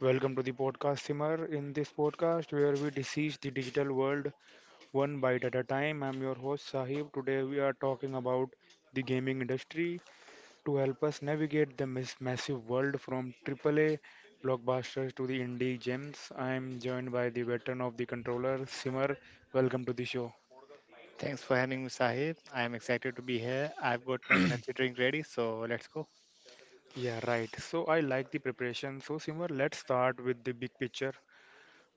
Welcome to the podcast, Simar. In this podcast, where we dissect the digital world one bite at a time, I'm your host, Sahib. Today, we are talking about the gaming industry to help us navigate the massive world from AAA blockbusters to the indie gems. I'm joined by the veteran of the controller, Simar. Welcome to the show. Thanks for having me, Sahib. I am excited to be here. I've got my energy drink ready, so let's go. Yeah, right. So, I like the preparation. So, Simar, let's start with the big picture.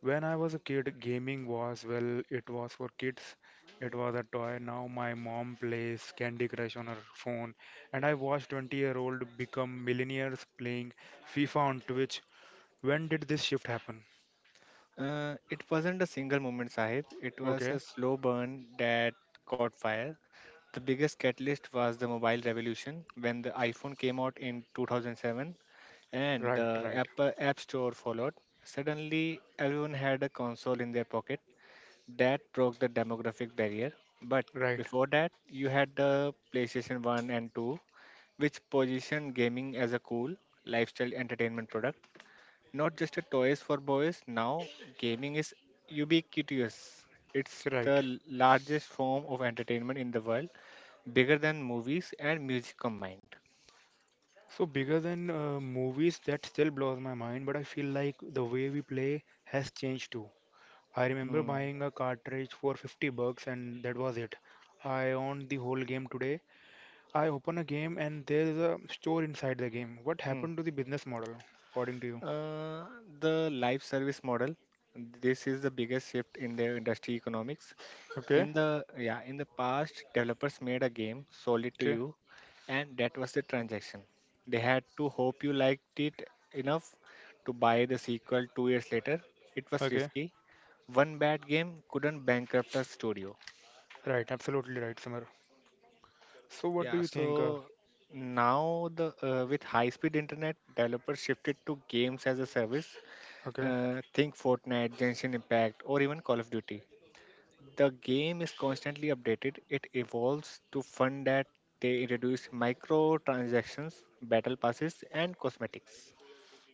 When I was a kid, gaming was, well, it was for kids. It was a toy. Now my mom plays Candy Crush on her phone, and I watch 20-year-old become millionaires playing FIFA on Twitch. When did this shift happen? It wasn't a single moment, Sahib. It was Okay, a slow burn that caught fire. The biggest catalyst was the mobile revolution when the iPhone came out in 2007 and right, the right, Apple App Store followed. Suddenly, everyone had a console in their pocket. That broke the demographic barrier. But right, before that, you had the PlayStation 1 and 2 which position gaming as a cool lifestyle entertainment product, not just a toys for boys. Now, gaming is ubiquitous. It's right. the largest form of entertainment in the world, bigger than movies and music combined. So bigger than movies, that still blows my mind, but I feel like the way we play has changed too. I remember Mm, buying a cartridge for $50 and that was it. I owned the whole game. Today I open a game and there is a store inside the game. What mm. happened to the business model, according to you? Uh, the life service model. This is the biggest shift in the industry economics. Okay, In the past, developers made a game, sold it to okay, you, and that was the transaction. They had to hope you liked it enough to buy the sequel 2 years later. It was okay. risky. One bad game couldn't bankrupt a studio. Right, absolutely right, Simar. So what do Yeah, you think? So now the with high-speed internet, developers shifted to games as a service. Okay. Think Fortnite, Genshin Impact, or even Call of Duty. The game is constantly updated. It evolves to fund that they introduce microtransactions, battle passes, and cosmetics.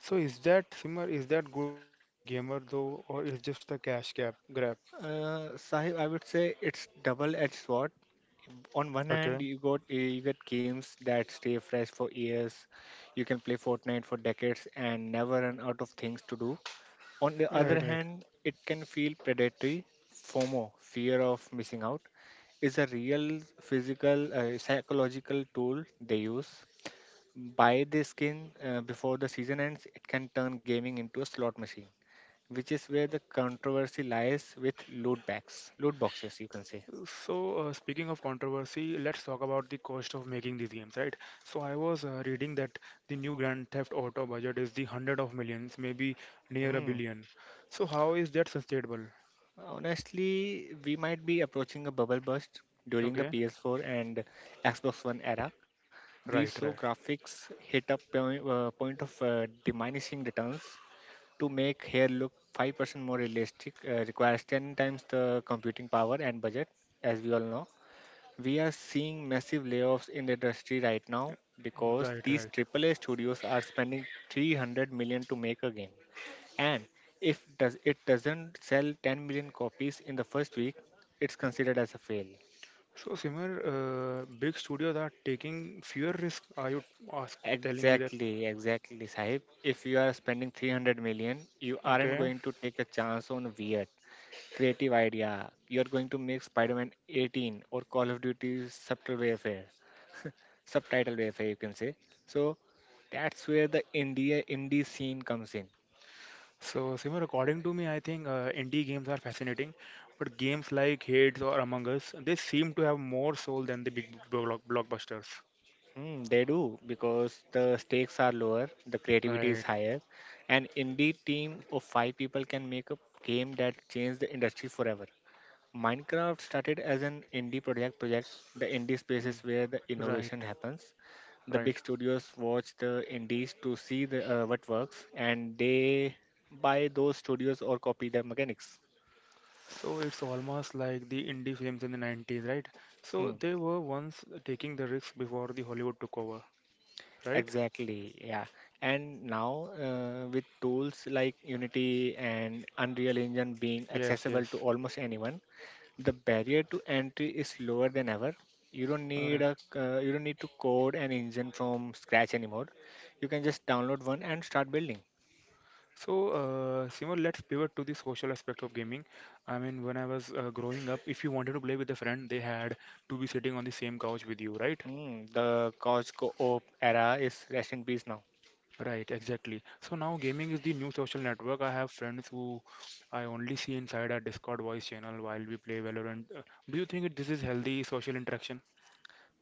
So is that, Simar, is that good for the gamer though, or is just a cash gap grab? Sahib, I would say it's double-edged sword. On one Okay. hand, you get games that stay fresh for years. You can play Fortnite for decades and never run out of things to do. On the Right, other right. hand, it can feel predatory. FOMO, fear of missing out, is a real psychological tool they use. Buy the skin before the season ends, it can turn gaming into a slot machine, which is where the controversy lies with loot bags, loot boxes, you can say. So, speaking of controversy, let's talk about the cost of making these games, right? So, I was reading that the new Grand Theft Auto budget is the hundred of millions, maybe near a Hmm. billion. So, how is that sustainable? Honestly, we might be approaching a bubble burst during the Okay. PS4 and Xbox One era. We Right, saw right, graphics hit a point of diminishing returns. To make hair look 5% more realistic requires 10 times the computing power and budget, as we all know. We are seeing massive layoffs in the industry right now because right, these right. AAA studios are spending 300 million to make a game. And if does it doesn't sell 10 million copies in the first week, it's considered as a fail. So, Simar, big studios are taking fewer risks. Are you telling me that? Exactly, exactly, Sahib. If you are spending 300 million, you aren't Okay. going to take a chance on a weird, creative idea. You are going to make Spider-Man 18 or Call of Duty subtitle warfare, you can say. So that's where the India indie scene comes in. So, Simar, according to me, I think indie games are fascinating, but games like Hades or Among Us, they seem to have more soul than the big blockbusters. Mm, they do because the stakes are lower, the creativity is Right. higher, and indie team of five people can make a game that changed the industry forever. Minecraft started as an indie project. The indie space is Mm, where the right, innovation happens. The right. big studios watch the indies to see what works, and they buy those studios or copy their mechanics. So it's almost like the indie films in the 90s, right? So Hmm. they were once taking the risks before the Hollywood took over, right? Exactly, yeah. And now, with tools like Unity and Unreal Engine being Yes, accessible yes. to almost anyone, the barrier to entry is lower than ever. You don't All need right. a uh, you don't need to code an engine from scratch anymore. You can just download one and start building. So, Simon, let's pivot to the social aspect of gaming. I mean, when I was growing up, if you wanted to play with a friend, they had to be sitting on the same couch with you, right? Mm, the couch co-op era is rest in peace now. Right, exactly. So now gaming is the new social network. I have friends who I only see inside our Discord voice channel while we play Valorant. Do you think this is healthy social interaction?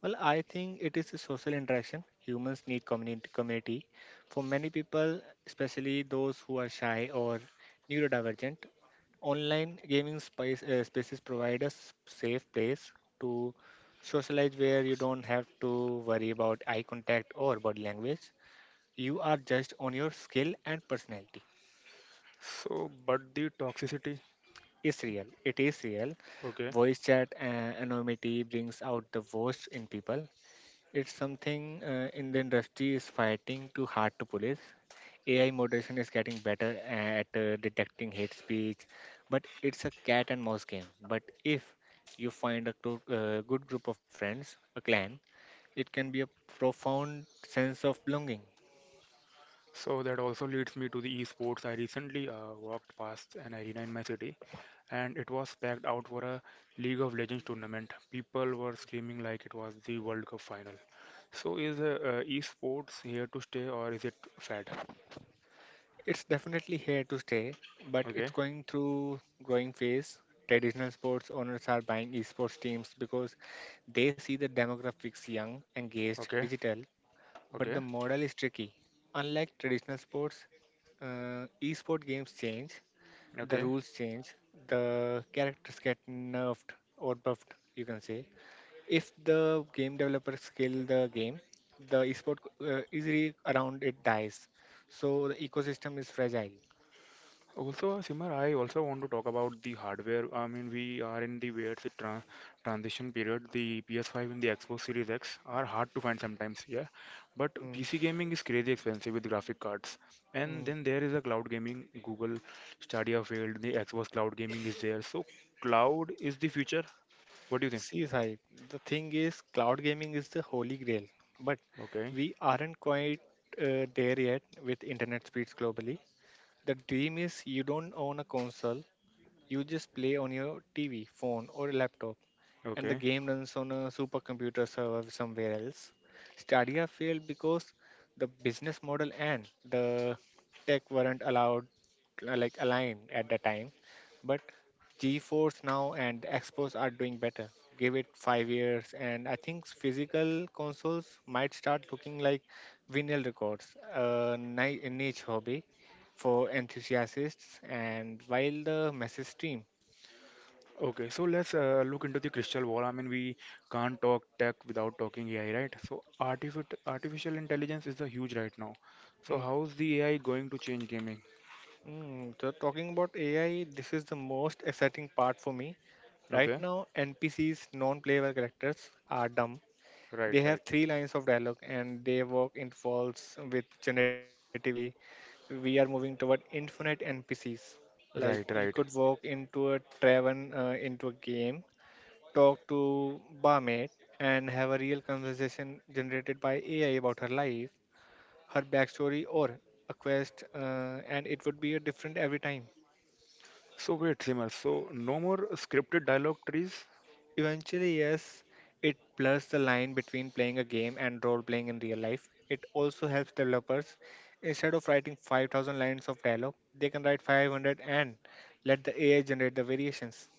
Well, I think it is a social interaction. Humans need community. For many people, especially those who are shy or neurodivergent, online gaming spaces provide a safe place to socialize where you don't have to worry about eye contact or body language. You are judged on your skill and personality. So, but the toxicity, It's real. It is real. okay. Voice chat and anonymity brings out the worst in people. It's something in the industry is fighting too hard to police. AI moderation is getting better at detecting hate speech, but it's a cat and mouse game. But if you find a good group of friends, a clan, it can be a profound sense of belonging. So that also leads me to the esports. I recently walked past an arena in my city and it was packed out for a League of Legends tournament. People were screaming like it was the World Cup final. So is esports here to stay or is it fad? It's definitely here to stay, but it's Okay, going through growing phase. Traditional sports owners are buying esports teams because they see the demographics young, engaged, okay, digital, but the okay, model is tricky. Unlike traditional sports, esport games change, the okay. rules change, the characters get nerfed or buffed, you can say. If the game developer scale the game, the esport easily around it dies. So the ecosystem is fragile. Also, Simar, I also want to talk about the hardware. I mean, we are in the weird transition period. The PS5 and the Xbox Series X are hard to find sometimes, yeah. But Mm, PC gaming is crazy expensive with graphic cards. And mm. then there is a cloud gaming. Google Stadia failed. The Xbox cloud gaming is there. So cloud is the future. What do you think? See, Sai, the thing is, cloud gaming is the holy grail, but Okay, we aren't quite there yet with internet speeds globally. The dream is you don't own a console, you just play on your TV, phone, or laptop and the okay. game runs on a supercomputer server somewhere else. Stadia failed because the business model and the tech weren't allowed like aligned at the time. But GeForce now and Xbox are doing better. Give it 5 years, and I think physical consoles might start looking like vinyl records, a a niche hobby for enthusiasts. And while the message stream. Okay, so let's look into the crystal ball. I mean, we can't talk tech without talking AI, right? So artificial intelligence is a huge right now. So how's the AI going to change gaming? Mm, so talking about AI, this is the most exciting part for me. Right Okay, now, NPCs, non-playable characters, are dumb. right, They right, have three lines of dialogue and they work in falls with generative AI. We are moving toward infinite NPCs. Like right, you right. could walk into a into a game, talk to barmaid, and have a real conversation generated by AI about her life, her backstory, or a quest, and it would be a different every time. So wait, Simar, so no more scripted dialogue trees, Eventually, yes, it blurs the line between playing a game and role playing in real life. It also helps developers. Instead of writing 5,000 lines of dialogue, they can write 500 and let the AI generate the variations.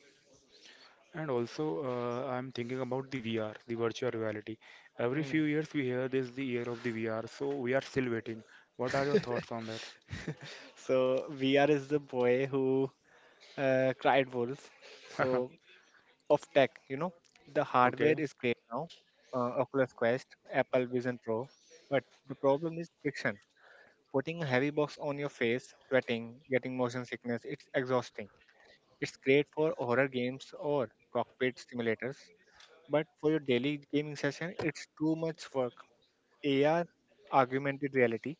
and also I'm thinking about the VR, the virtual reality. Every Mm. few years we hear this, the year of the VR. So we are still waiting. What are your thoughts on that? So, VR is the boy who cried wolf. So, of tech, you know, the Okay. hardware is great now, Oculus Quest, Apple Vision Pro, but the problem is friction. Putting a heavy box on your face, sweating, getting motion sickness, it's exhausting. It's great for horror games or cockpit simulators, but for your daily gaming session, it's too much work. AR, augmented reality,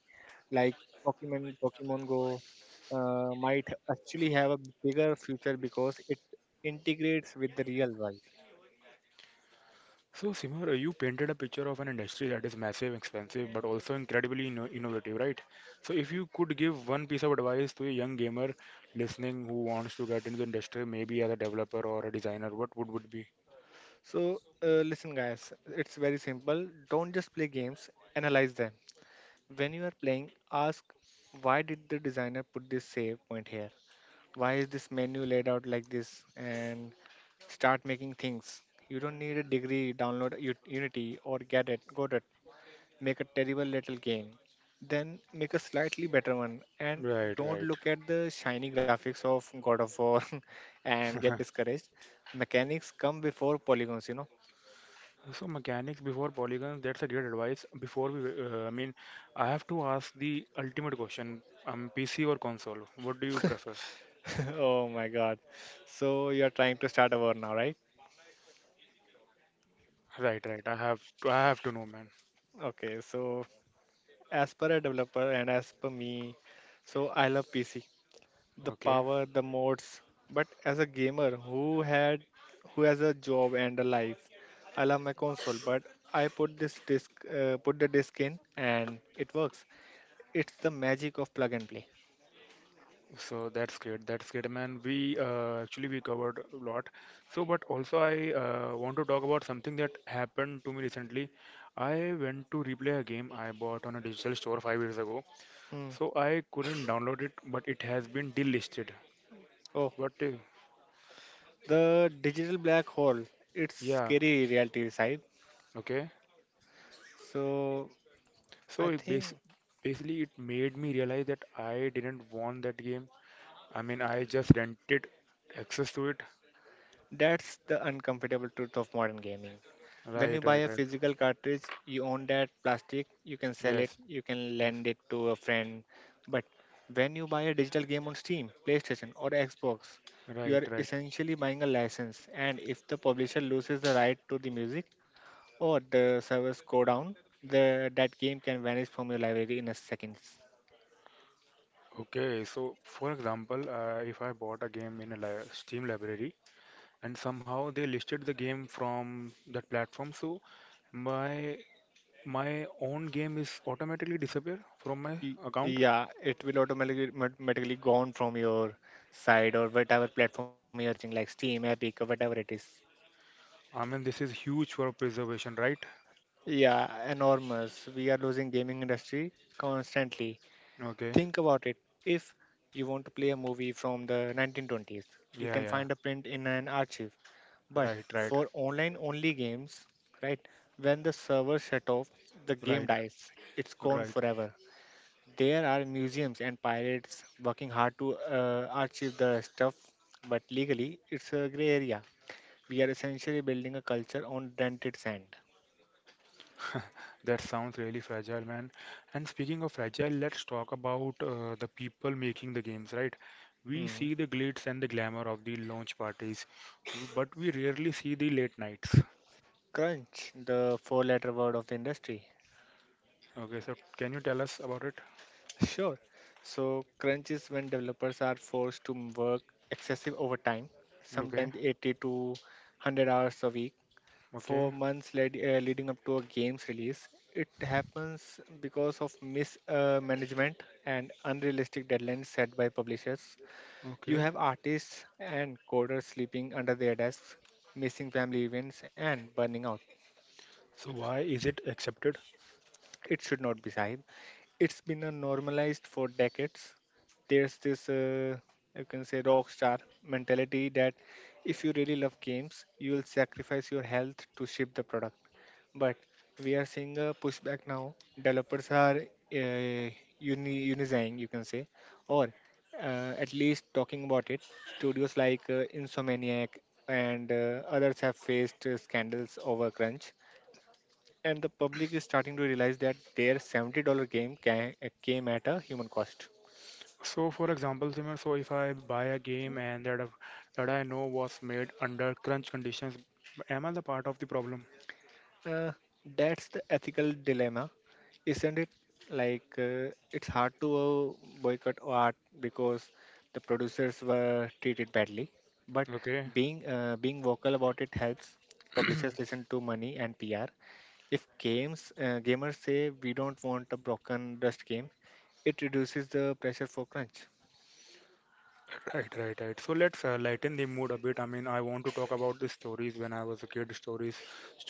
like Pokemon, Go, might actually have a bigger future because it integrates with the real world. So, Simar, you painted a picture of an industry that is massive, expensive, but also incredibly innovative, right? So, if you could give one piece of advice to a young gamer listening who wants to get into the industry, maybe as a developer or a designer, what would be? So, listen, guys, it's very simple. Don't just play games, analyze them. When you are playing, ask why did the designer put this save point here? Why is this menu laid out like this? And start making things. You don't need a degree, download Unity or get it, go to it. Make a terrible little game. Then make a slightly better one. And Right, don't right. look at the shiny graphics of God of War and get discouraged. Mechanics come before polygons, you know. So mechanics before polygons, that's a great advice. Before we, I mean, I have to ask the ultimate question. PC or console? What do you prefer? Oh my god. So you're trying to start a war now, right? Right, right. I have to know, man. Okay, so as per a developer and as per me, so I love PC. The Okay. power, the modes. But as a gamer who has a job and a life, I love my console. But I put the disc in and it works. It's the magic of plug and play. So that's great. That's great, man. We actually we covered a lot. So, but also I want to talk about something that happened to me recently. I went to replay a game I bought on a digital store five years ago. Hmm. So I couldn't download it, but it has been delisted. Oh, What? The digital black hole. It's Yeah. scary reality, side. Okay. So I So it think. bas basically it made me realize that I didn't want that game. I mean, I just rented access to it. That's the uncomfortable truth of modern gaming. When you Right. buy Right. a Right. physical cartridge, you own that plastic, you can sell it, Yes. you can Yes. lend it to a friend. But when you buy a digital game on Steam, PlayStation, or Xbox, you Right. are Right. essentially buying a license. And if the publisher loses the right to the music or the servers go down, that game can vanish from your library in a second. Okay, so for example, if I bought a game in a li Steam library and somehow they listed the game from that platform, so my my own game is automatically disappear from my account. Yeah, it will automatically gone from your side or whatever platform you are using, like Steam, Epic, or whatever it is. I mean, this is huge for preservation, right? Yeah, enormous. We are losing gaming industry constantly. Okay, Think about it. If you want to play a movie from the 1920s, you yeah, can yeah, find a print in an archive. But right, right, for online only games, right? When the server shut off, the game right, dies. It's gone right. forever. There are museums and pirates working hard to archive the stuff, but legally it's a gray area. We are essentially building a culture on dented sand. That sounds really fragile, man. And speaking of fragile, let's talk about the people making the games, right? We Mm. see the glitz and the glamour of the launch parties, but we rarely see the late nights. Crunch, the four letter word of the industry. Okay, so can you tell us about it? Sure. So, crunch is when developers are forced to work excessive overtime, Okay, sometimes 80 to 100 hours a week for okay, months leading up to a game's release. It happens because of mismanagement and unrealistic deadlines set by publishers. You okay. have artists and coders sleeping under their desks, missing family events, and burning out. So why is it accepted? It should not be, Sahib. It's been a normalized for decades. There's this, you can say, rock star mentality that if you really love games, you will sacrifice your health to ship the product. But we are seeing a pushback now. Developers are unifying, you can say, or at least talking about it. Studios like Insomniac and others have faced scandals over crunch, and the public is starting to realize that their $70 game ca- came at a human cost. So, for example, Simran, so if I buy a game and that I know was made under crunch conditions, am I the part of the problem? Uh, that's the ethical dilemma, isn't it? Like, it's hard to boycott art because the producers were treated badly, but Okay. Being vocal about it helps. Publishers listen to money and PR. If games gamers say we don't want a broken dust game, it reduces the pressure for crunch. Right, right, right. So let's lighten the mood a bit. I mean, I want to talk about the stories when I was a kid.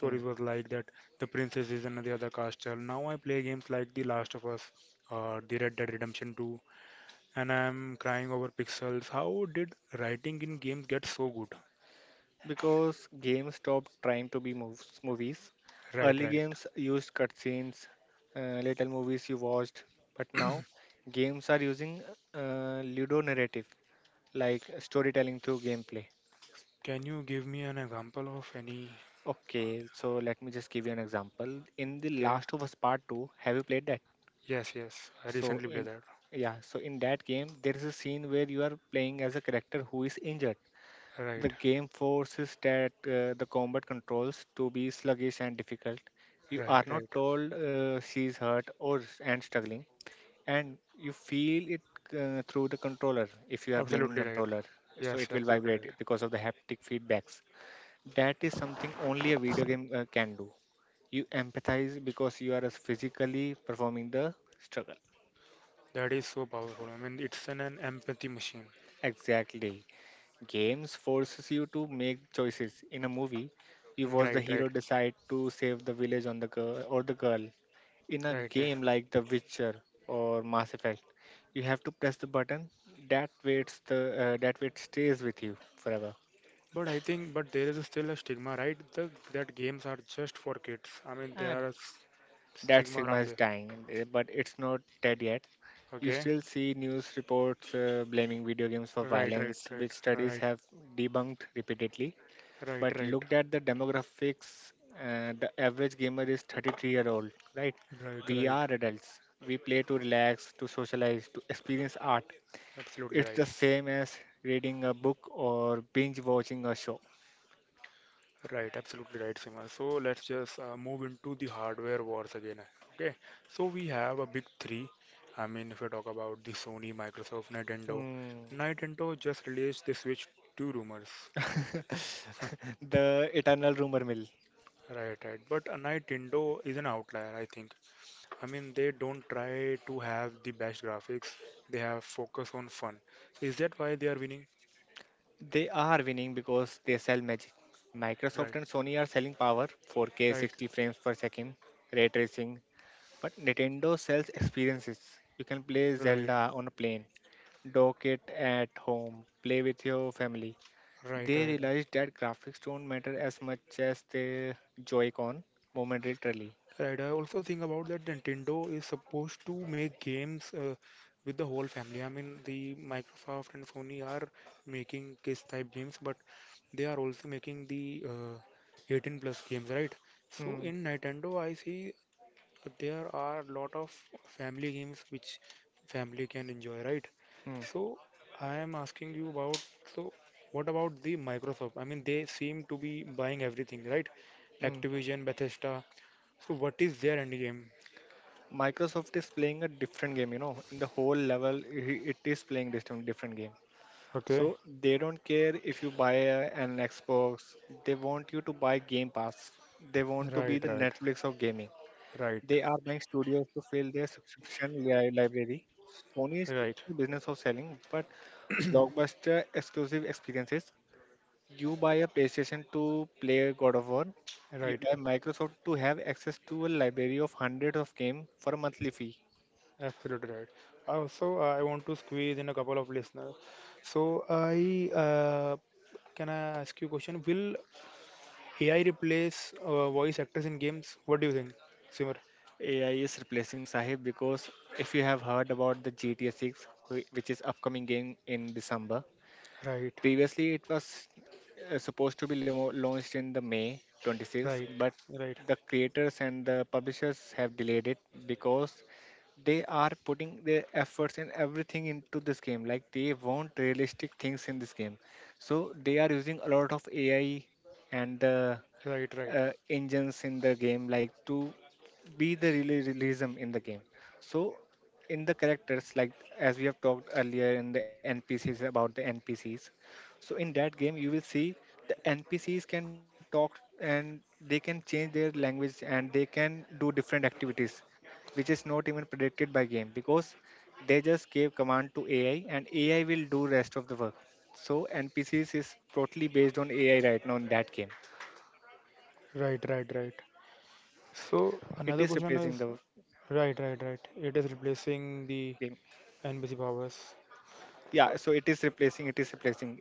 Hmm. was like that. The princess is another other castle. Now I play games like The Last of Us, the Red Dead Redemption 2, and I'm crying over pixels. How did writing in games get so good? Because games stopped trying to be movies. Right, Early right. games used cutscenes, little movies you watched, but now games are using ludo narrative, like storytelling through gameplay. Can you give me an example of any? Okay, so let me just give you an example. In The Okay. Last of Us Part 2, have you played that? Yes, yes. I So recently played in that. Yeah, so in that game there is a scene where you are playing as a character who is injured. The Right, game forces that the combat controls to be sluggish and difficult. You right, are not right. told she's hurt and struggling, and you feel it through the controller if you are playing in Absolutely right. controller. So Yes, it will absolutely vibrate right. because of the haptic feedbacks. That is something only a video game can do. You empathize because you are physically performing the struggle. That is so powerful. I mean, it's an empathy machine. Exactly. Games forces you to make choices. In a movie, you watch the Right, right, hero decide to save the village on the girl or the girl. In a right, right. game like The Witcher or Mass Effect, you have to press the button that waits the that wait stays with you forever. But I think, but there is still a stigma, right? That games are just for kids. I mean, And that stigma Sigma around is it. dying, eh, but it's not dead yet. You Okay. still see news reports blaming video games for Right, right, violence, right, which studies right, have debunked repeatedly, right, but right, looked at the demographics. Uh, the average gamer is 33-year-old year old, right? right, We right. are adults. We play to relax, to socialize, to experience art. Absolutely It's the right. same as reading a book or binge watching a show. Right, absolutely right, Sima. So let's just move into the hardware wars again. Okay. So we have a big three. I mean, if I talk about the Sony, Microsoft, Nintendo, Hmm. Nintendo just released the Switch 2 rumors. The eternal rumor mill. Right, right. But a Nintendo is an outlier, I think. I mean, they don't try to have the best graphics. They have focus on fun. So is that why they are winning? They are winning because they sell magic. Microsoft Right, and Sony are selling power, 4K right, 60 frames per second, ray tracing, but Nintendo sells experiences. You can play right, Zelda on a plane, dock it at home, play with your family. right, They right, realized that graphics don't matter as much as the Joy-Con momentarily. right. I also think about that Nintendo is supposed to make games with the whole family. I mean, the Microsoft and Sony are making kids type games, but they are also making the 18 plus games, right? So Mm, in Nintendo, I see there are a lot of family games which family can enjoy, right? mm, So I am asking you about so what about the Microsoft? I mean, they seem to be buying everything, right? mm. Activision, Bethesda. So what is their end game? Microsoft is playing a different game, you know, in the whole level, it is playing this time different game. So Okay, they don't care if you buy an Xbox, they want you to buy Game Pass. They want to be right, the right, Netflix of gaming. right, They are buying studios to fill their library. Sony is in right, the business of selling, but blockbuster exclusive experiences. You buy a PlayStation to play God of War. You right. buy Microsoft to have access to a library of hundreds of games for a monthly fee. Absolutely right. Also, I want to squeeze in a couple of listeners. So I can I ask you a question? Will AI replace voice actors in games? What do you think, Simar? AI is replacing Sahib. Because if you have heard about the GTA 6, which is upcoming game in December. Right, Previously, it was supposed to be launched in the May 26, right, but right, the creators and the publishers have delayed it because they are putting their efforts and everything into this game. Like, they want realistic things in this game, so they are using a lot of AI and the right, right, engines in the game, like to be the realism in the game. So in the characters, like as we have talked earlier in the NPCs, about the NPCs, so in that game you will see the NPCs can talk and they can change their language and they can do different activities, which is not even predicted by game because they just gave command to AI and AI will do rest of the work. So NPCs is totally based on AI right now in that game. right, right, right. So It another is question replacing is the game. right, right, right. It is replacing the NBC powers. Yeah, so it is Uh, replacing. It is replacing AI. It is-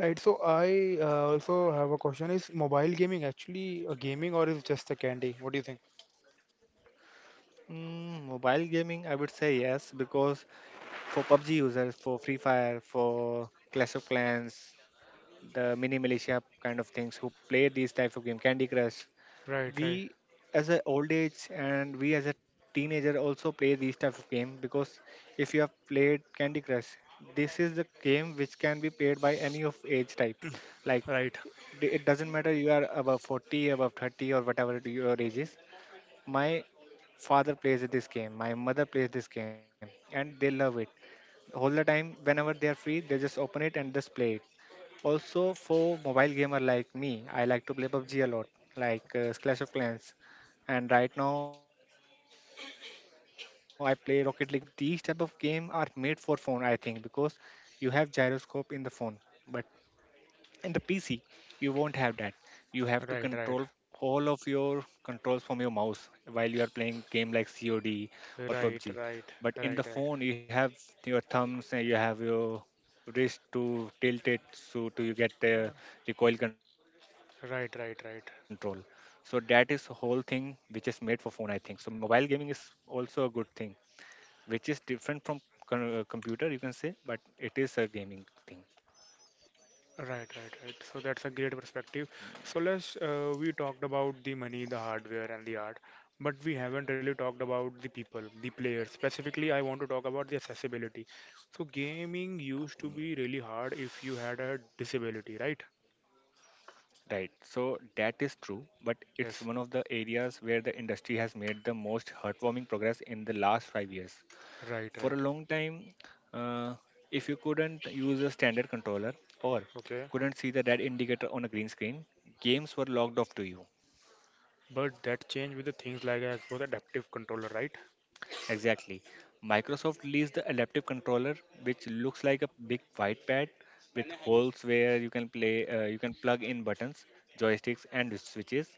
Right. So I also have a question: Is mobile gaming actually a gaming or is just a candy? What do you think? Mm, mobile gaming, I would say yes, because for PUBG users, for Free Fire, for Clash of Clans, the mini militia kind of things who play these types of game, Candy Crush, Right, right, we as a old age and we as a teenager also play these type of game because if you have played Candy Crush, this is the game which can be played by any of age type. Like right, it doesn't matter you are above 40, above 30, or whatever your age is. My father plays this game, my mother plays this game, and they love it. All the time, whenever they are free, they just open it and just play it. Also, for mobile gamer like me, I like to play PUBG a lot, like Clash of Clans, and right now I play Rocket League on the phone as well. So these type of game are made for phone, I think, because you have gyroscope in the phone, but in the PC you won't have that. You have to right, right, control all of your controls from your mouse while you are playing game like COD or right, PUBG, right, but in right, the right, phone you have your thumbs and you have your wrist to tilt it, so to you get the Uh, recoil control. So that right, is the right, whole right. thing which is made for phone, I think. So mobile gaming is also a good thing which is different from computer, you can say, but it is a gaming thing. Right, right, right. So that's a great perspective. So let's we talked about the money, the hardware, and the art, but we haven't really talked about the people, the players. Specifically, I want to talk about the accessibility. So gaming used to be really hard if you had a disability, right? Right. So that is true, but it's one of Yes, the areas where the industry has made the most heartwarming progress in the last 5 years. right, For a right. long time, uh, if you couldn't use a standard controller or Okay, couldn't see the red indicator on a green screen, games were locked off to you. but that changed with the things like Xbox Adaptive Controller, right? Exactly. Microsoft released the adaptive controller, which looks like a big white pad with holes where you can you can plug in buttons, joysticks, and switches.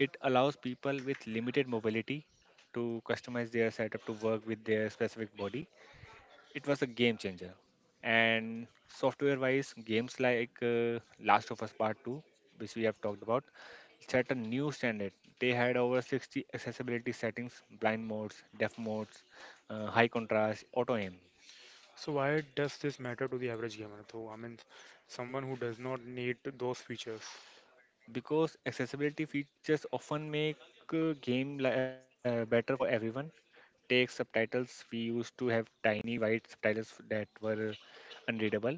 It allows people with limited mobility to customize their setup to work with their specific body. It was a game changer. And software wise, games like Last of Us Part 2, which we have talked about, set a new standard. They had over 60 accessibility settings, blind modes, deaf modes, high contrast, auto aim. So why does this matter to the average gamer? I mean, someone who does not need those features. Because accessibility features often make better for everyone. Take subtitles, we used to have tiny white subtitles that were unreadable.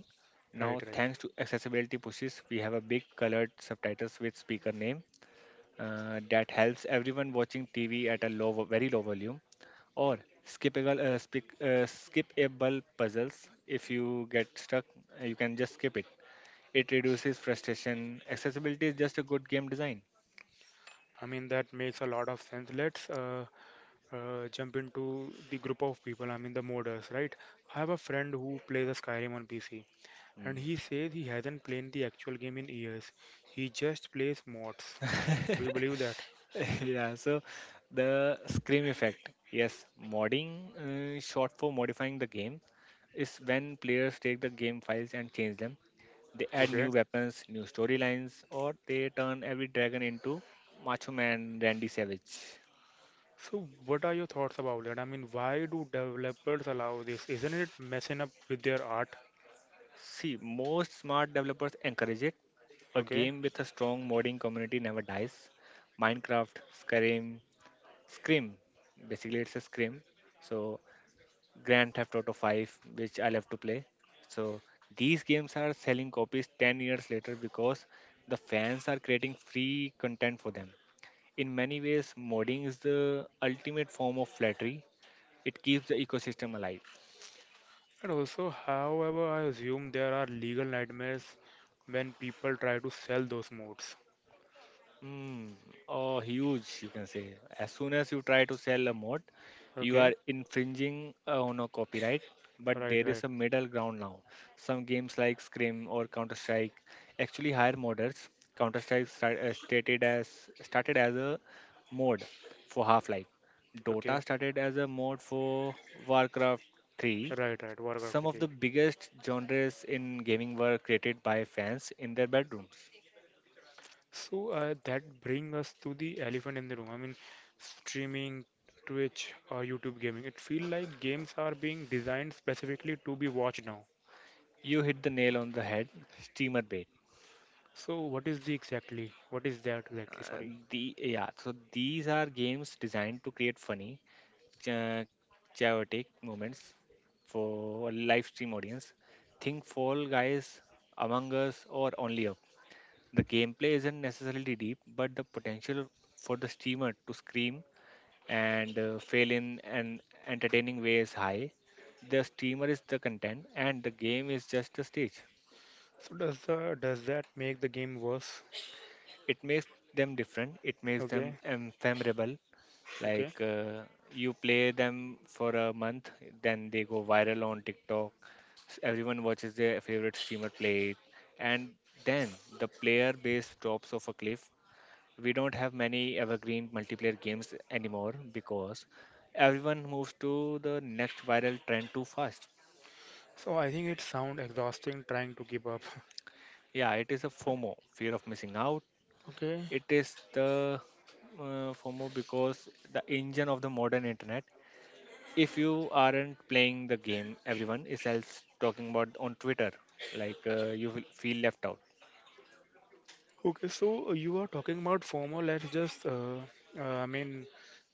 Now, Right, right. thanks to accessibility pushes, we have a big colored subtitles with speaker name that helps everyone watching TV at a very low volume, or skippable puzzles. If you get stuck, you can just skip it. It reduces frustration. Accessibility is just a good game design. I mean, that makes a lot of sense. Let's jump into the group of people, I mean, the moders, right? I have a friend who plays a Skyrim on PC, and he says he hasn't played the actual game in years. He just plays mods. Do you Mm. believe that? Yeah, so the scream effect. Yes, modding, short for modifying the game, is when players take the game files and change them. They add Okay. new weapons, new storylines, or they turn every dragon into Macho Man Randy Savage. So, what are your thoughts about that? I mean, why do developers allow this? Isn't it messing up with their art? See, most smart developers encourage it. A Okay. game with a strong modding community never dies. Minecraft, Skyrim, Scream. Basically, it's a Scream. So Grand Theft Auto 5, which I love to play. So these games are selling copies 10 years later because the fans are creating free content for them. In many ways, modding is the ultimate form of flattery. It keeps the ecosystem alive. And also, however, I assume there are legal nightmares when people try to sell those mods. Mm, oh, huge, you can say. As soon as you try to sell a mod, you Okay. are infringing on a copyright. But Right, there is right. a middle ground now. Some games like Scrim or Counter Strike actually hire modders. Counter Strike started as a mod for Half Life. Okay. Dota started as a mod for Warcraft 3. Right, right, Warcraft Some of the 3. biggest genres in gaming were created by fans in their bedroom. So that bring us to the elephant in the room. I mean, streaming, Twitch, or YouTube gaming. It feel like games are being designed specifically to be watched now. You hit the nail on the head, steamer bait. So what is the exactly? What is that exactly? Uh, Sorry. So these are games designed to create funny, cha- chaotic moments for a live stream audience. Think Fall Guys, Among Us, or Only Up. The gameplay isn't necessarily deep, but the potential for the streamer to scream and fail in an entertaining way is high. The streamer is the content, and the game is just a stage. Does the does that make the game worse? It makes them different. It makes them Okay, memorable. okay. Like, you play them for a month, then they go viral on TikTok. Everyone watches their favorite streamer play it, and then the player base drops off a cliff. We don't have many evergreen multiplayer games anymore because everyone moves to the next viral trend too fast. So I think it sound exhausting trying to keep up. Yeah, it is a FOMO, fear of missing out. Okay, It is the FOMO because the engine of the modern internet. If you aren't playing the game, everyone is else talking about on Twitter. Like, you will feel left out. okay. So you are talking about FOMO. Let's I mean,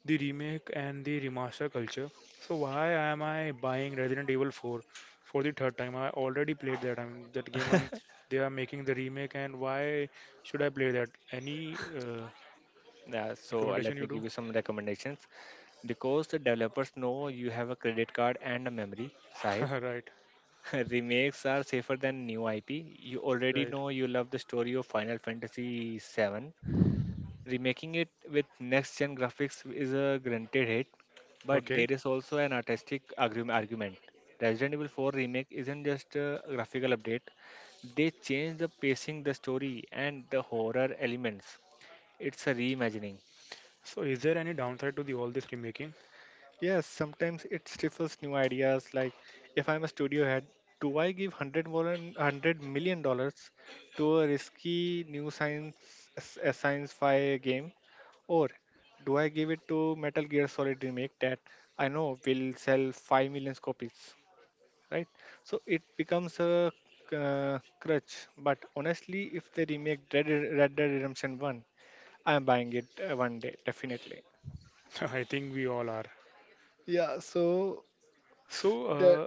the remake and the remaster culture. So why am I buying Resident Evil 4 for the third time? I already played that. I mean, that game. They are making the remake, and why should I play that? Any Yeah, so let recommendation you me do? give you some recommendations. Because the developers know you have a credit card and a memory, Sahib. Right, Remakes are safer than new IP. You already right. know you love the story of Final Fantasy VII. Remaking it with next gen graphics is a granted hit, but Okay. there is also an argument. Resident Evil 4 Remake isn't just a graphical update, they changed the pacing, the story, and the horror elements. It's a reimagining. So is there any downside to the all this remaking? Yes, sometimes it stifles new ideas. Like, if I'm a studio head, do I give one hundred million dollars to a risky a science fi game, or do I give it to Metal Gear Solid remake that I know will sell 5 million copies? Right. So it becomes a crutch. But honestly, if they remake Red Dead Redemption One, I'm buying it one day definitely. I think we all are. Yeah, so So, that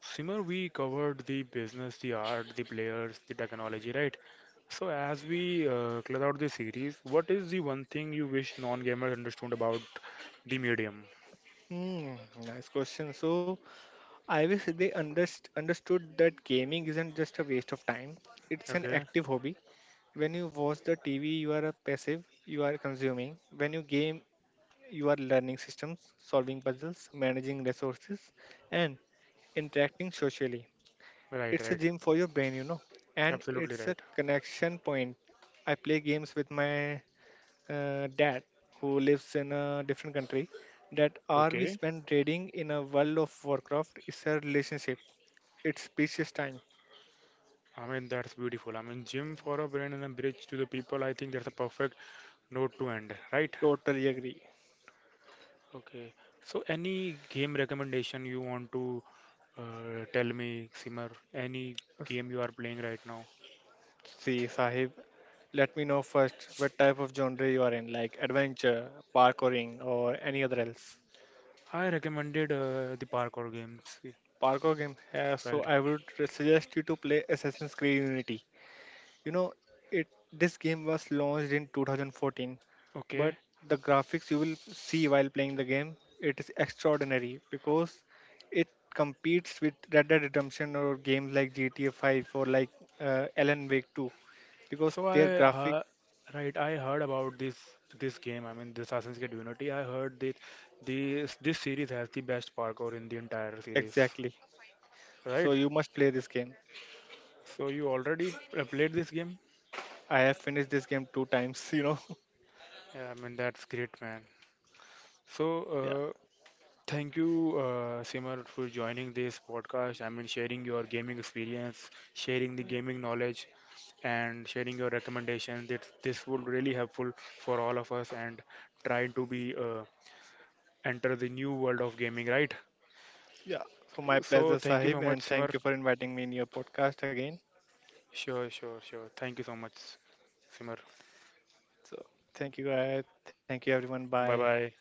Simar, we covered the business, the art, the players, the technology, right? So, as we close out this series, what is the one thing you wish non-gamers understood about the medium? Hmm, nice question. So I wish they understood that gaming isn't just a waste of time. It's an Okay, active hobby. When you watch the TV, you are a passive, you are consuming. When you game, you are learning systems, solving puzzles, managing resources, and interacting socially. right, It's a right, gym for your brain, you know, and absolutely it's a right. connection point. I play games with my dad who lives in a different country. That hour we Okay, spend trading in a world of Warcraft is a relationship. It's precious time. I mean that's beautiful. I mean, gym for a brand and a bridge to the people. I think that's a perfect note to end. Right? Totally agree. Okay. So, any game recommendation you want to tell me, Simar? Any S- game you are playing right now? See, Sahib, let me know first what type of genre you are in, like adventure, parkouring, or any other else. I recommended the parkour games. Parkour game. So Right. I would suggest you to play Assassin's Creed Unity. You know, it this game was launched in 2014, but Okay. the graphics you will see while playing the game, it is extraordinary because it competes with Red Dead Redemption or games like GTA 5 or like Alan Wake 2 because So I their graphic uh, right, I heard about this game. I mean, this Assassin's Creed Unity. I heard that this series has the best parkour in the entire series, exactly. So right? you must play this game. So you already played this game? I have finished this game 2 times, you know. Yeah, I mean, that's great, man. So, Yeah. uh, thank you, Simar, for joining this podcast. I mean, sharing your gaming experience, sharing the Yeah. gaming knowledge, and sharing your recommendations. That This would really helpful for all of us and try to be enter the new world of gaming, right? Yeah. So my So pleasure, thank you so Sahib, much, and Simar. thank you for inviting me in your podcast again. Sure, sure, sure. Thank you so much, Simar. So thank you, guys. Thank you, everyone. Bye. Bye bye.